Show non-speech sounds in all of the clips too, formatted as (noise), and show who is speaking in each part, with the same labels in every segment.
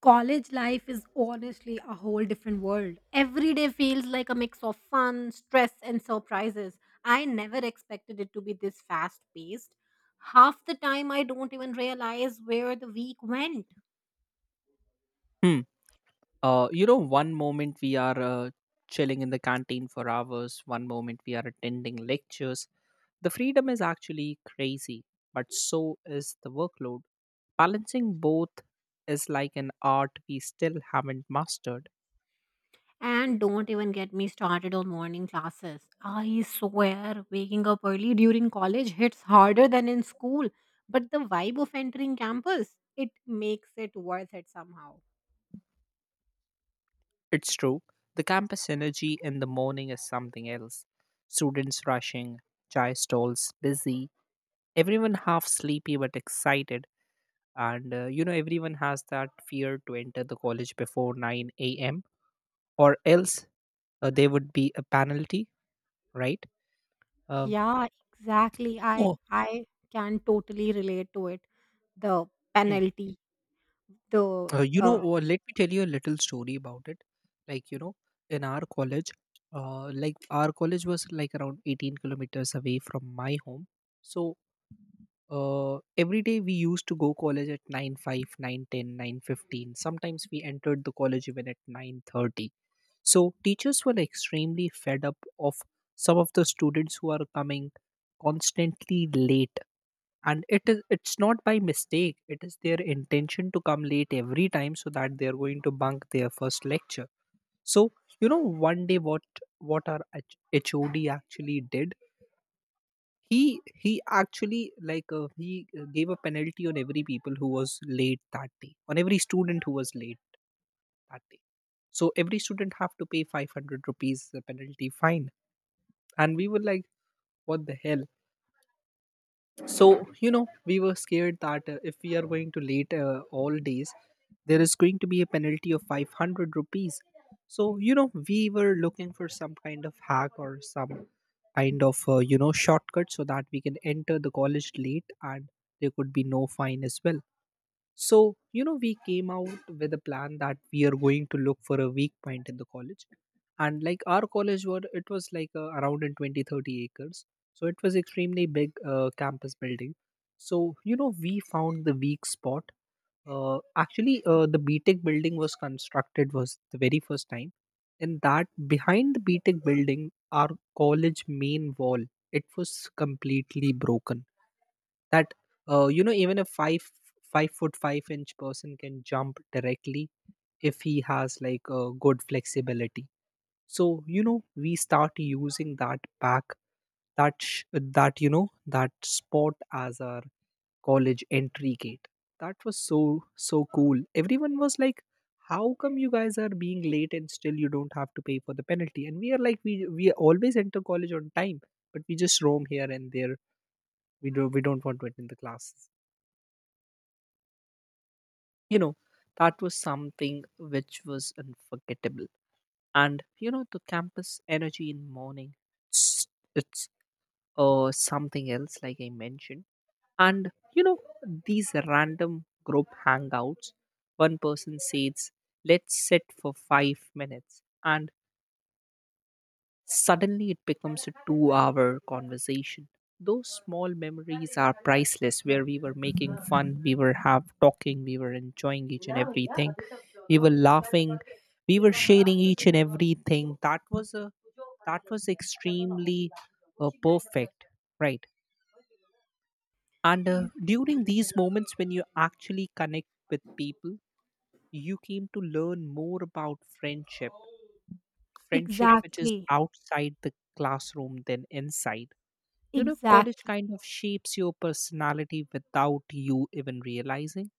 Speaker 1: College life is honestly a whole different world. Every day feels like a mix of fun, stress, and surprises. I never expected it to be this fast paced. Half the time, I don't even realize where the week went.
Speaker 2: Hmm. One moment we are chilling in the canteen for hours, one moment we are attending lectures. The freedom is actually crazy, but so is the workload. Balancing both is like an art we still haven't mastered.
Speaker 1: And don't even get me started on morning classes. I swear, waking up early during college hits harder than in school. But the vibe of entering campus, it makes it worth it somehow.
Speaker 2: It's true, the campus energy in the morning is something else. Students rushing, chai stalls busy, everyone half sleepy but excited. And everyone has that fear to enter the college before 9 a.m. or else there would be a penalty, right? Um,
Speaker 1: Yeah, exactly. I
Speaker 2: Oh.
Speaker 1: I can totally relate to it. The
Speaker 2: Mm.
Speaker 1: penalty, the
Speaker 2: Uh, you know, uh, let me tell you a little story about it. Like, in our college, like our college was like around 18 kilometers away from my home. So every day we used to go college at 9 5, 9:10, 9:15. Sometimes we entered the college even at 9:30. So teachers were extremely fed up of some of the students who are coming constantly late, and it's not by mistake, it is their intention to come late every time so that they are going to bunk their first lecture. So one day, what our hod actually did, he actually, like, he gave a penalty on every people who was late that day, on every student who was late that day. So every student have to pay 500 rupees, the penalty fine. And we were like, what the hell. So we were scared that if we are going to late all days, there is going to be a penalty of 500 rupees. So we were looking for some kind of hack or some kind of shortcut so that we can enter the college late and there could be no fine as well. So, we came out with a plan that we are going to look for a weak point in the college. And like our college, it was like around in 20-30 acres. So it was extremely big campus building. So, you know, we found the weak spot. Actually, the btech building was constructed was the very first time. And that behind the btech building, our college main wall, it was completely broken, that even a 5 foot 5 inch person can jump directly if he has like a good flexibility. So we start using that back that sh- that you know that spot as our college entry gate. That was so so cool. Everyone was like, how come you guys are being late and still you don't have to pay for the penalty? And we are like, we always enter college on time, but we just roam here and there. We do we don't want to attend the classes, you know. That was something which was unforgettable. And you know, the campus energy in morning, s- it's something else, like I mentioned. And you know, these random group hangouts, one person says let's sit for 5 minutes, and suddenly it becomes a 2-hour conversation. Those small memories are priceless, where we were making fun, we were have talking, we were enjoying each and everything, we were laughing, we were sharing each and everything. That was extremely perfect, right? And
Speaker 1: e-
Speaker 2: during these moments when you actually connect with people, you came to learn more about friendship, friendship which is
Speaker 1: exactly,
Speaker 2: outside the classroom than inside. You know, college
Speaker 1: exactly.
Speaker 2: kind of shapes your personality without you even realizing.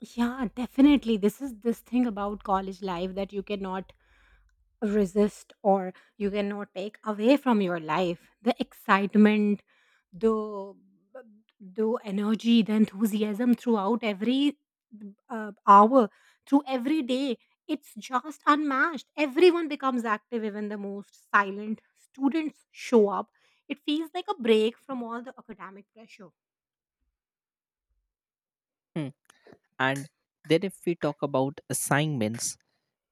Speaker 1: Yeah, definitely. This thing about college life that you cannot resist or you cannot take away from your life. The excitement, the the energy, the enthusiasm throughout every hour, through every day, it's just unmatched. Everyone becomes active, even the most silent students show up. It feels like a break from all the academic pressure.
Speaker 2: Hmm. And then if we talk about assignments,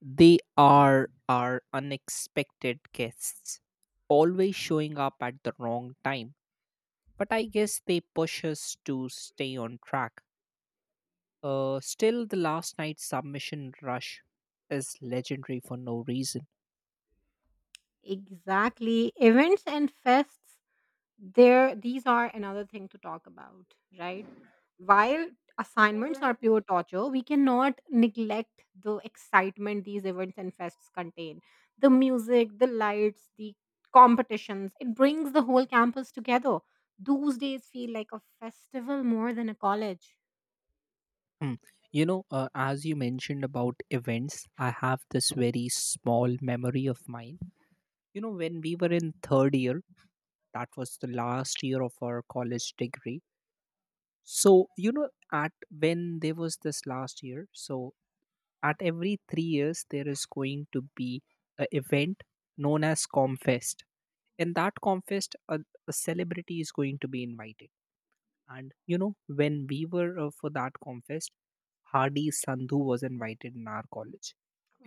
Speaker 2: they are our unexpected guests, always showing up at the wrong time. But I guess they push us to stay on track. Still, the last night's submission rush is legendary for no reason.
Speaker 1: Exactly, events and fests, there, these are another thing to talk about, right? While assignments are pure torture, we cannot neglect the excitement these events and fests contain. The music, the lights, the competitions, it brings the whole campus together. Those days feel like a festival more than a college.
Speaker 2: Hmm. As you mentioned about events, I have this very small memory of mine. You know, when we were in third year, that was the last year of our college degree. So you know at, when there was this last year, so at every 3 years there is going to be an event known as comfest. In that comfest, a celebrity is going to be invited. And when we were for that comfest, Hardy Sandhu was invited in our college.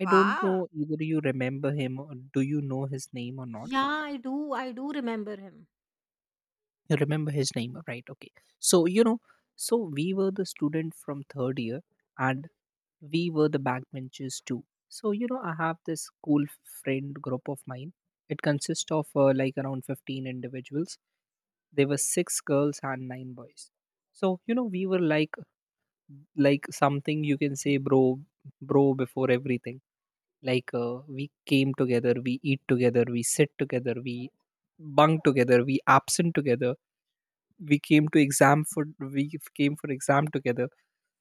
Speaker 2: I don't know, either you remember him or do you know his name or not?
Speaker 1: Yeah, I do remember him (laughs)
Speaker 2: You remember his name, right? Okay. So, you know, so we were the student from third year, and we were the backbenchers too. So, you know, I have this school friend group of mine. It consists of like around 15 individuals. There were six girls and nine boys. So, you know, we were like something you can say, bro, before everything. Like, we came together, we eat together, we sit together, we bunk together, we absent together. We came to exam for we came for exam together.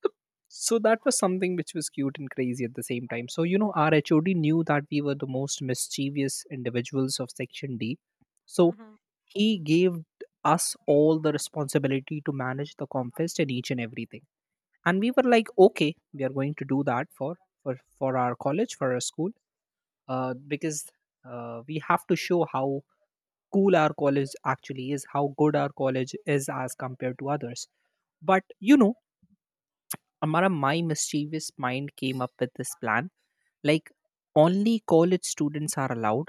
Speaker 2: So so that was something which was cute and crazy at the same time. So our hod knew that we were the most mischievous individuals of section d. So
Speaker 1: Mhm.
Speaker 2: he gave us all the responsibility to manage the confest and each and everything. And we were like, okay, we are going to do that for our college, for our school, because we have to show how cool our college actually is, how good our college is as compared to others. But Amara, my mischievous mind came up with this plan. Like, only college students are allowed.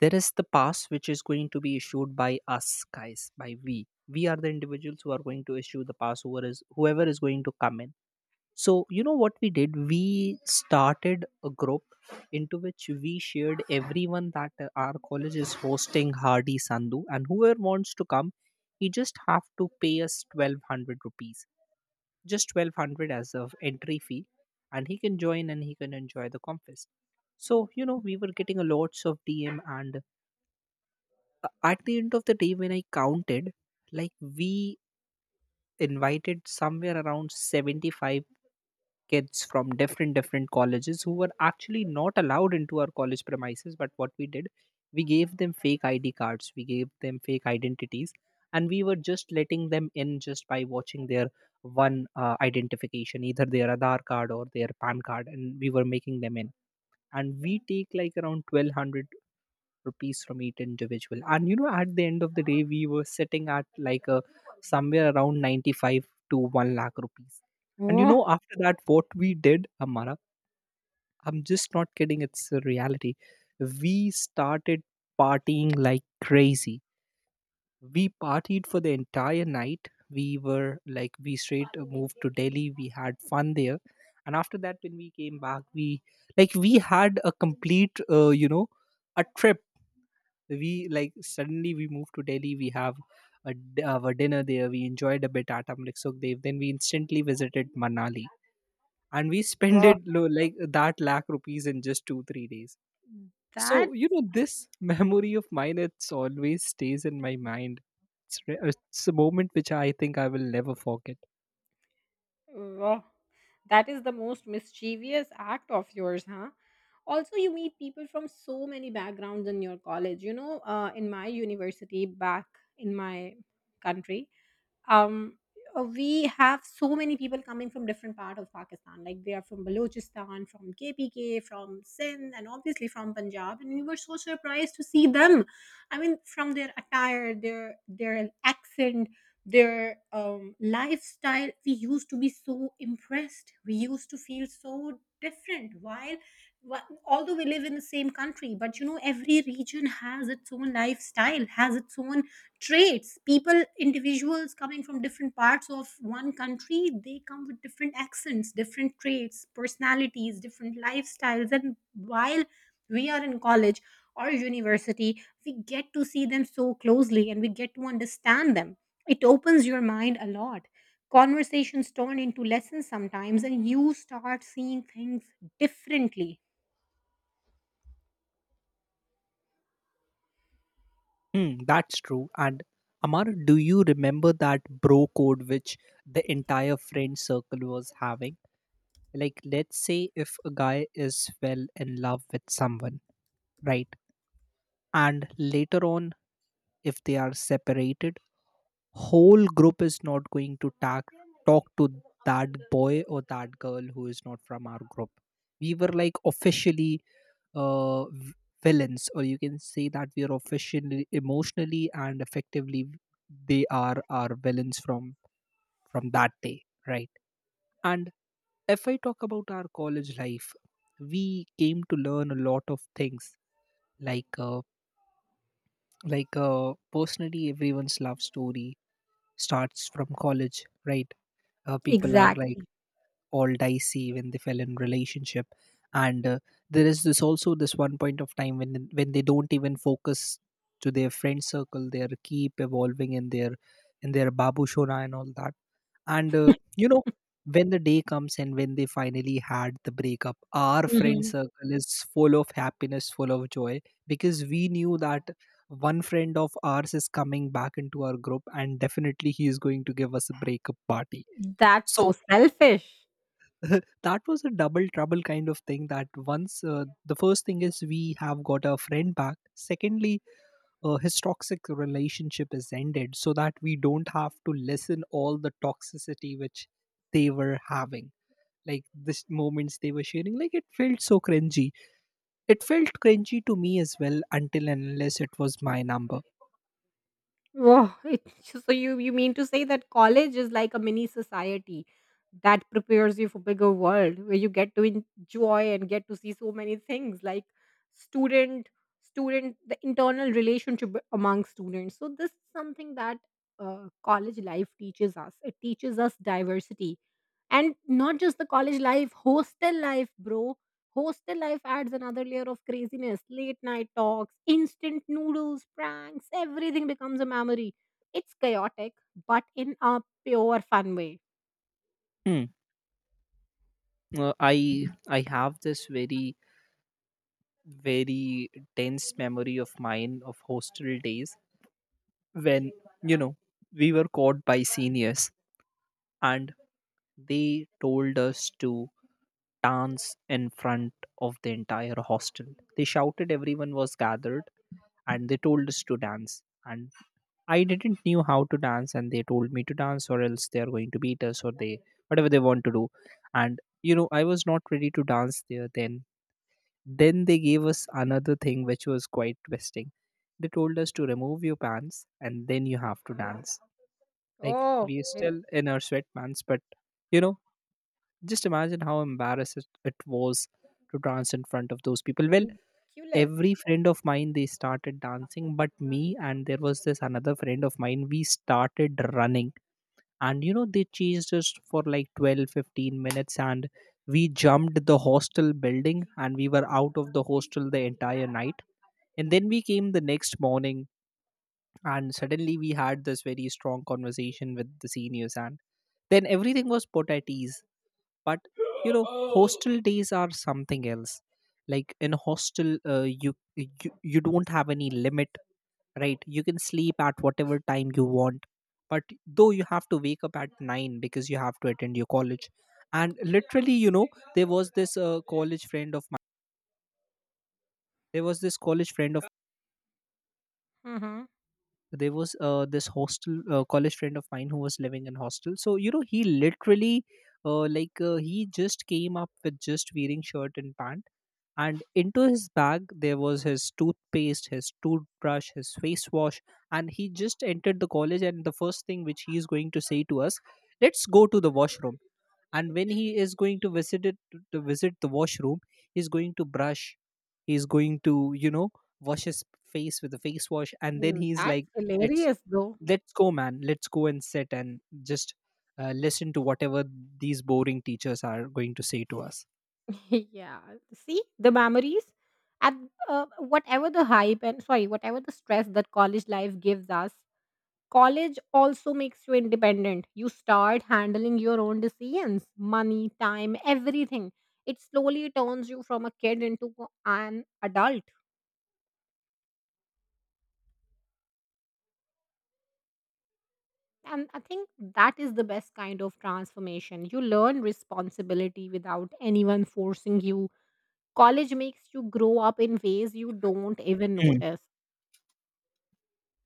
Speaker 2: There is the pass which is going to be issued by us, guys, by we. We are the individuals who are going to issue the pass, whoever is going to come in. So, you know what we did? We started a group into which we shared everyone that our college is hosting Hardy Sandhu, and whoever wants to come, he just have to pay us 1200 rupees, just 1200 as of entry fee, and he can join and he can enjoy the confest. So we were getting a lots of dm. And at the end of the day, when I counted, like, we invited somewhere around 75 kids from different different colleges who were actually not allowed into our college premises. But what we did, we gave them fake id cards, we gave them fake identities, and we were just letting them in just by watching their one identification, either their Aadhaar card or their pan card, and we were making them in. And we take like around 1200 rupees from each individual. And you know, at the end of the day, we were sitting at like a somewhere around 95 to 1 lakh rupees. And
Speaker 1: Wow.
Speaker 2: after that, what we did, Amara, I'm just not kidding, it's a reality, we started partying like crazy. We partied for the entire night. We were like, we straight moved to Delhi, we had fun there. And after that, when we came back, we, like, we had a complete a trip. We, like, suddenly we moved to Delhi, we have our dinner there, we enjoyed a bit at Amrik Sukhdev, then we instantly visited Manali. And we (laughs) spent
Speaker 1: Wow,
Speaker 2: it like that lakh rupees in just 2-3 days.
Speaker 1: that.
Speaker 2: So you know, this (laughs) memory of mine, it's always stays in my mind. It's it's a moment which I think I will never forget.
Speaker 1: Wow, that is the most mischievous act of yours, huh? Also, you meet people from so many backgrounds in your college. You know, in my university back in my country, um we have so many people coming from different part of Pakistan, like they are from Balochistan, from KPK, from Sindh, and obviously from Punjab, and we were so surprised to see them. I mean, from their attire, their accent, their lifestyle, we used to be so impressed. We used to feel so different. Wh- Although we live in the same country, but you know, every region has its own lifestyle, has its own traits. People, individuals coming from different parts of one country, they come with different accents, different traits, personalities, different lifestyles. And while we are in college or university, we get to see them so closely and we get to understand them. It opens your mind a lot. Conversations turn into lessons sometimes, and you start seeing things differently.
Speaker 2: Hmm, that's true. And Amar, do you remember that bro code which the entire friend circle was having? Like, let's say if a guy is well in love with someone, right? And later on, if they are separated, whole group is not going to talk to that boy or that girl who is not from our group. We were like officially uh, v- villains, or you can say that we are officially emotionally and effectively they are our villains from that day, right? And if I talk about our college life, we came to learn a lot of things. Like, uh, like personally, everyone's love story starts from college, right? People are like
Speaker 1: Exactly.
Speaker 2: all dicey when they fell in relationship and there is this also this one point of time when they don't even focus to their friend circle. They are keep evolving in their babu shona and all that, and you know when the day comes and when they finally had the breakup, our friend
Speaker 1: Mhm.
Speaker 2: circle is full of happiness, full of joy, because we knew that one friend of ours is coming back into our group, and definitely he is going to give us a breakup party.
Speaker 1: That's
Speaker 2: So
Speaker 1: so selfish.
Speaker 2: (laughs) that was a double trouble kind of thing that, once the first thing is we have got our friend back, secondly his toxic relationship is ended, so that we don't have to listen all the toxicity which they were having, like this moments they were sharing, like it felt so cringy. It felt cringy to me as well until and unless it was my number.
Speaker 1: Wow, it, (laughs) so you mean to say that college is like a mini society that prepares you for bigger world, where you get to enjoy and get to see so many things, like student student, the internal relationship among students. So this is something that college life teaches us. It teaches us diversity, and not just the college life, hostel life, bro. Hostel life adds another layer of craziness. Late night talks, instant noodles, pranks, everything becomes a memory. It's chaotic, but in a pure fun way.
Speaker 2: Hmm. I have this very very dense memory of mine of hostel days when, you know, we were caught by seniors, and they told us to dance in front of the entire hostel. They shouted, everyone was gathered, and they told us to dance, and I didn't knew how to dance, and they told me to dance or else they are going to beat us, or they whatever they want to do. And you know, I was not ready to dance there. Then they gave us another thing which was quite twisting. They told us to remove your pants and then you have to dance. Like
Speaker 1: Oh,
Speaker 2: we
Speaker 1: well,
Speaker 2: still in our sweatpants, but you know, just imagine how embarrassed it was to dance in front of those people. Well,
Speaker 1: ridiculous.
Speaker 2: every friend of mine they started dancing, but me and there was this another friend of mine. We started running, and you know they chased us for like 12, 15 minutes, and we jumped the hostel building, and we were out of the hostel the entire night. And then we came the next morning, and suddenly we had this very strong conversation with the seniors, and then everything was put at ease. But you know, hostel days are something else. Like in a hostel, you you don't have any limit, right? You can sleep at whatever time you want, but though you have to wake up at 9 because you have to attend your college. And literally, you know, there was this college friend of mine, there was this college friend of
Speaker 1: Hmm.
Speaker 2: there was this hostel college friend of mine who was living in hostel. So you know he literally he just came up with just wearing shirt and pant, and into his bag there was his toothpaste, his toothbrush, his face wash. And he just entered the college, and the first thing which he is going to say to us, let's go to the washroom. And when he is going to visit it to visit the washroom, he's going to brush, he's going to, you know, wash his face with a face wash, and then
Speaker 1: Mm.
Speaker 2: he's
Speaker 1: That's
Speaker 2: like, let's
Speaker 1: hilarious, though.
Speaker 2: let's go, man. Let's go and sit and just listen to whatever these boring teachers are going to say to us.
Speaker 1: (laughs) Yeah. See the memories, and whatever the hype, and sorry, whatever the stress that college life gives us. College also makes you independent. You start handling your own decisions, money, time, everything. It slowly turns you from a kid into an adult. And I think that is the best kind of transformation. You learn responsibility without anyone forcing you. College makes you grow up in ways you don't even
Speaker 2: Hmm.
Speaker 1: notice.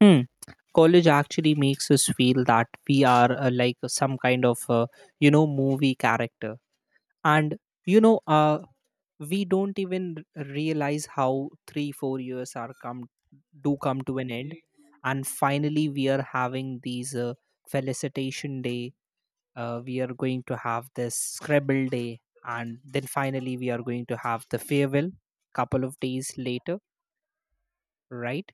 Speaker 2: Hmm. College actually makes us feel that we are like some kind of you know movie character. And you know we don't even realize how 3 4 years are come do come to an end, and finally we are having these felicitation day. We are going to have this scrabble day, and then finally we are going to have the farewell couple of days later, right?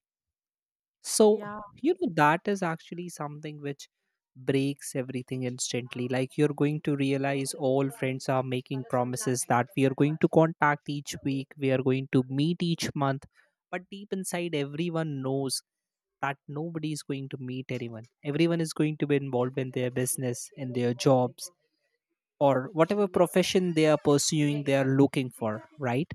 Speaker 2: So,
Speaker 1: Yeah,
Speaker 2: you know, that is actually something which breaks everything instantly. Like, you're going to realize all friends are making promises that we are going to contact each week, we are going to meet each month. But deep inside, everyone knows that nobody is going to meet anyone. Everyone is going to be involved in their business, in their jobs, or whatever profession they are pursuing, they are looking for, right?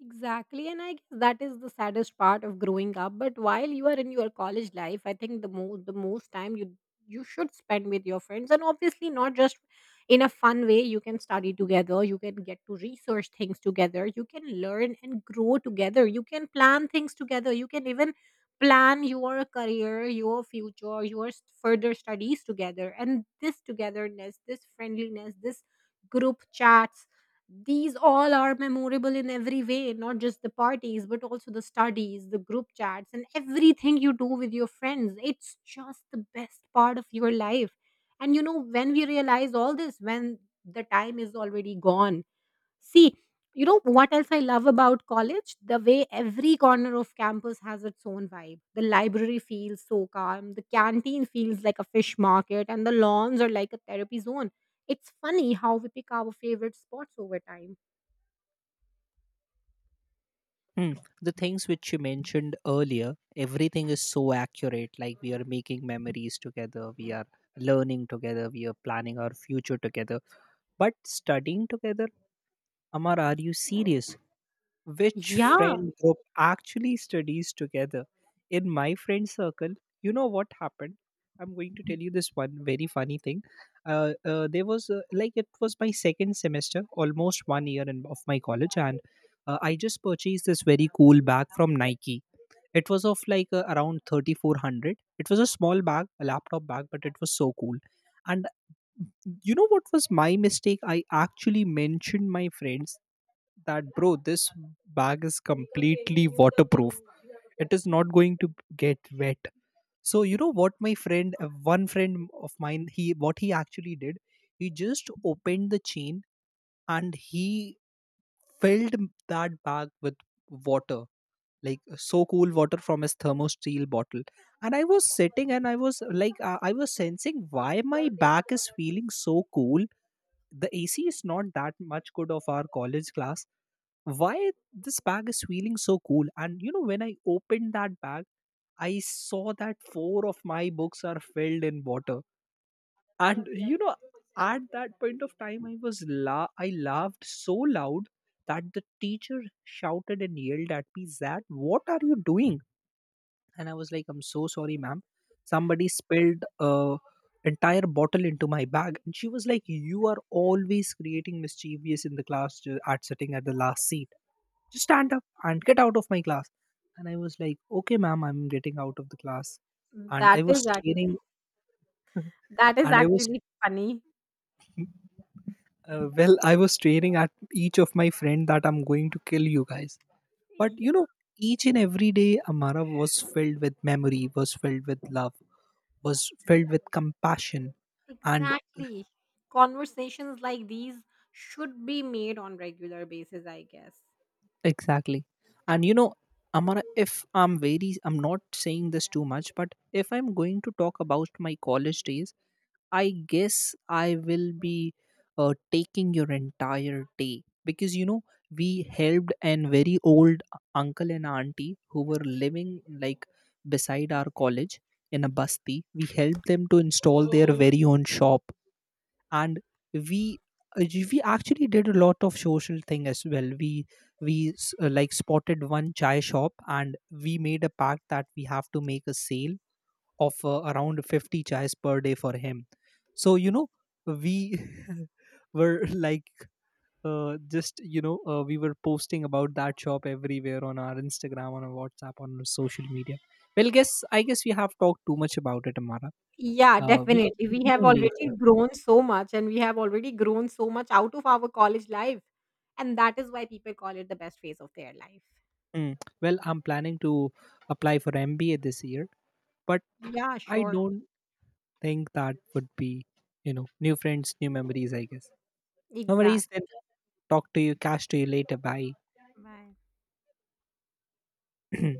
Speaker 1: exactly. And I guess that is the saddest part of growing up. But while you are in your college life, I think the most time you you should spend with your friends, and obviously not just in a fun way. You can study together, you can get to research things together, you can learn and grow together, you can plan things together, you can even plan your career, your future, your further studies together. And this togetherness, this friendliness, this group chats, these all are memorable in every way, not just the parties, but also the studies, the group chats, and everything you do with your friends. It's just the best part of your life. And you know, when we realize all this, when the time is already gone. See, you know what else I love about college? The way every corner of campus has its own vibe. The library feels so calm, the canteen feels like a fish market, and the lawns are like a therapy zone. It's funny how we pick our favorite spots over time.
Speaker 2: Mm. The things which you mentioned earlier, everything is so accurate. Like we are making memories together, we are learning together, we are planning our future together. But studying together, Amar, are you serious? Which
Speaker 1: Yeah,
Speaker 2: friend group actually studies together? In my friend circle, you know what happened? I'm going to tell you this one very funny thing. There was like it was my second semester, almost 1 year in, of my college, and I just purchased this very cool bag from Nike. It was of like around 3,400. It was a small bag, a laptop bag, but it was so cool. And you know what was my mistake? I actually mentioned my friends that, bro, this bag is completely waterproof, it is not going to get wet. So you know what my friend, one friend of mine, he what he actually did, he just opened the chain, and he filled that bag with water, like so cool water from his thermo steel bottle. And I was sitting, and I was like, I was sensing why my back is feeling so cool. The AC is not that much good of our college class. Why this bag is feeling so cool? And you know, when I opened that bag, I saw that four of my books are filled in water. And you know, at that point of time, I was I laughed so loud that the teacher shouted and yelled at me that, what are you doing? And I was like, I'm so sorry, ma'am, somebody spilled a entire bottle into my bag. And she was like, you are always creating mischievous in the class, at sitting at the last seat, just stand up and get out of my class. And I was like, okay, ma'am, I'm getting out of the class. And I
Speaker 1: that
Speaker 2: was
Speaker 1: is that.
Speaker 2: staring, (laughs)
Speaker 1: That is
Speaker 2: and I was,
Speaker 1: actually funny.
Speaker 2: well, I was staring at each of my friend that, I'm going to kill you guys. But
Speaker 1: Yeah,
Speaker 2: you know, each and every day, Amara was filled with memory, was filled with love, was filled with compassion. And
Speaker 1: exactly. Conversations like these should be made on regular basis, I guess.
Speaker 2: exactly. And you know, Amara, if I'm very, I'm not saying this too much, but if I'm going to talk about my college days, I guess I will be taking your entire day, because you know, we helped an very old uncle and auntie who were living like beside our college in a basti. We helped them to install their very own shop, and we uh, we actually did a lot of social thing as well. We like spotted one chai shop, and we made a pact that we have to make a sale of around 50 chais per day for him. So you know, we (laughs) were like just you know we were posting about that shop everywhere on our Instagram, on our WhatsApp, on our social media. Well, guess I guess we have talked too much about it, Amara.
Speaker 1: Yeah,
Speaker 2: We can
Speaker 1: definitely. We have
Speaker 2: continue
Speaker 1: already
Speaker 2: later.
Speaker 1: grown so much, and we have already grown so much out of our college life. And that is why people call it the best phase of their life.
Speaker 2: Mm. Well, I'm planning to apply for MBA this year, but
Speaker 1: Yeah,
Speaker 2: I
Speaker 1: sure.
Speaker 2: don't think that would be, you know, new friends, new memories, I guess. No worries
Speaker 1: Exact.
Speaker 2: then. Talk to you, catch to you later, bye.
Speaker 1: Bye.
Speaker 2: (clears throat)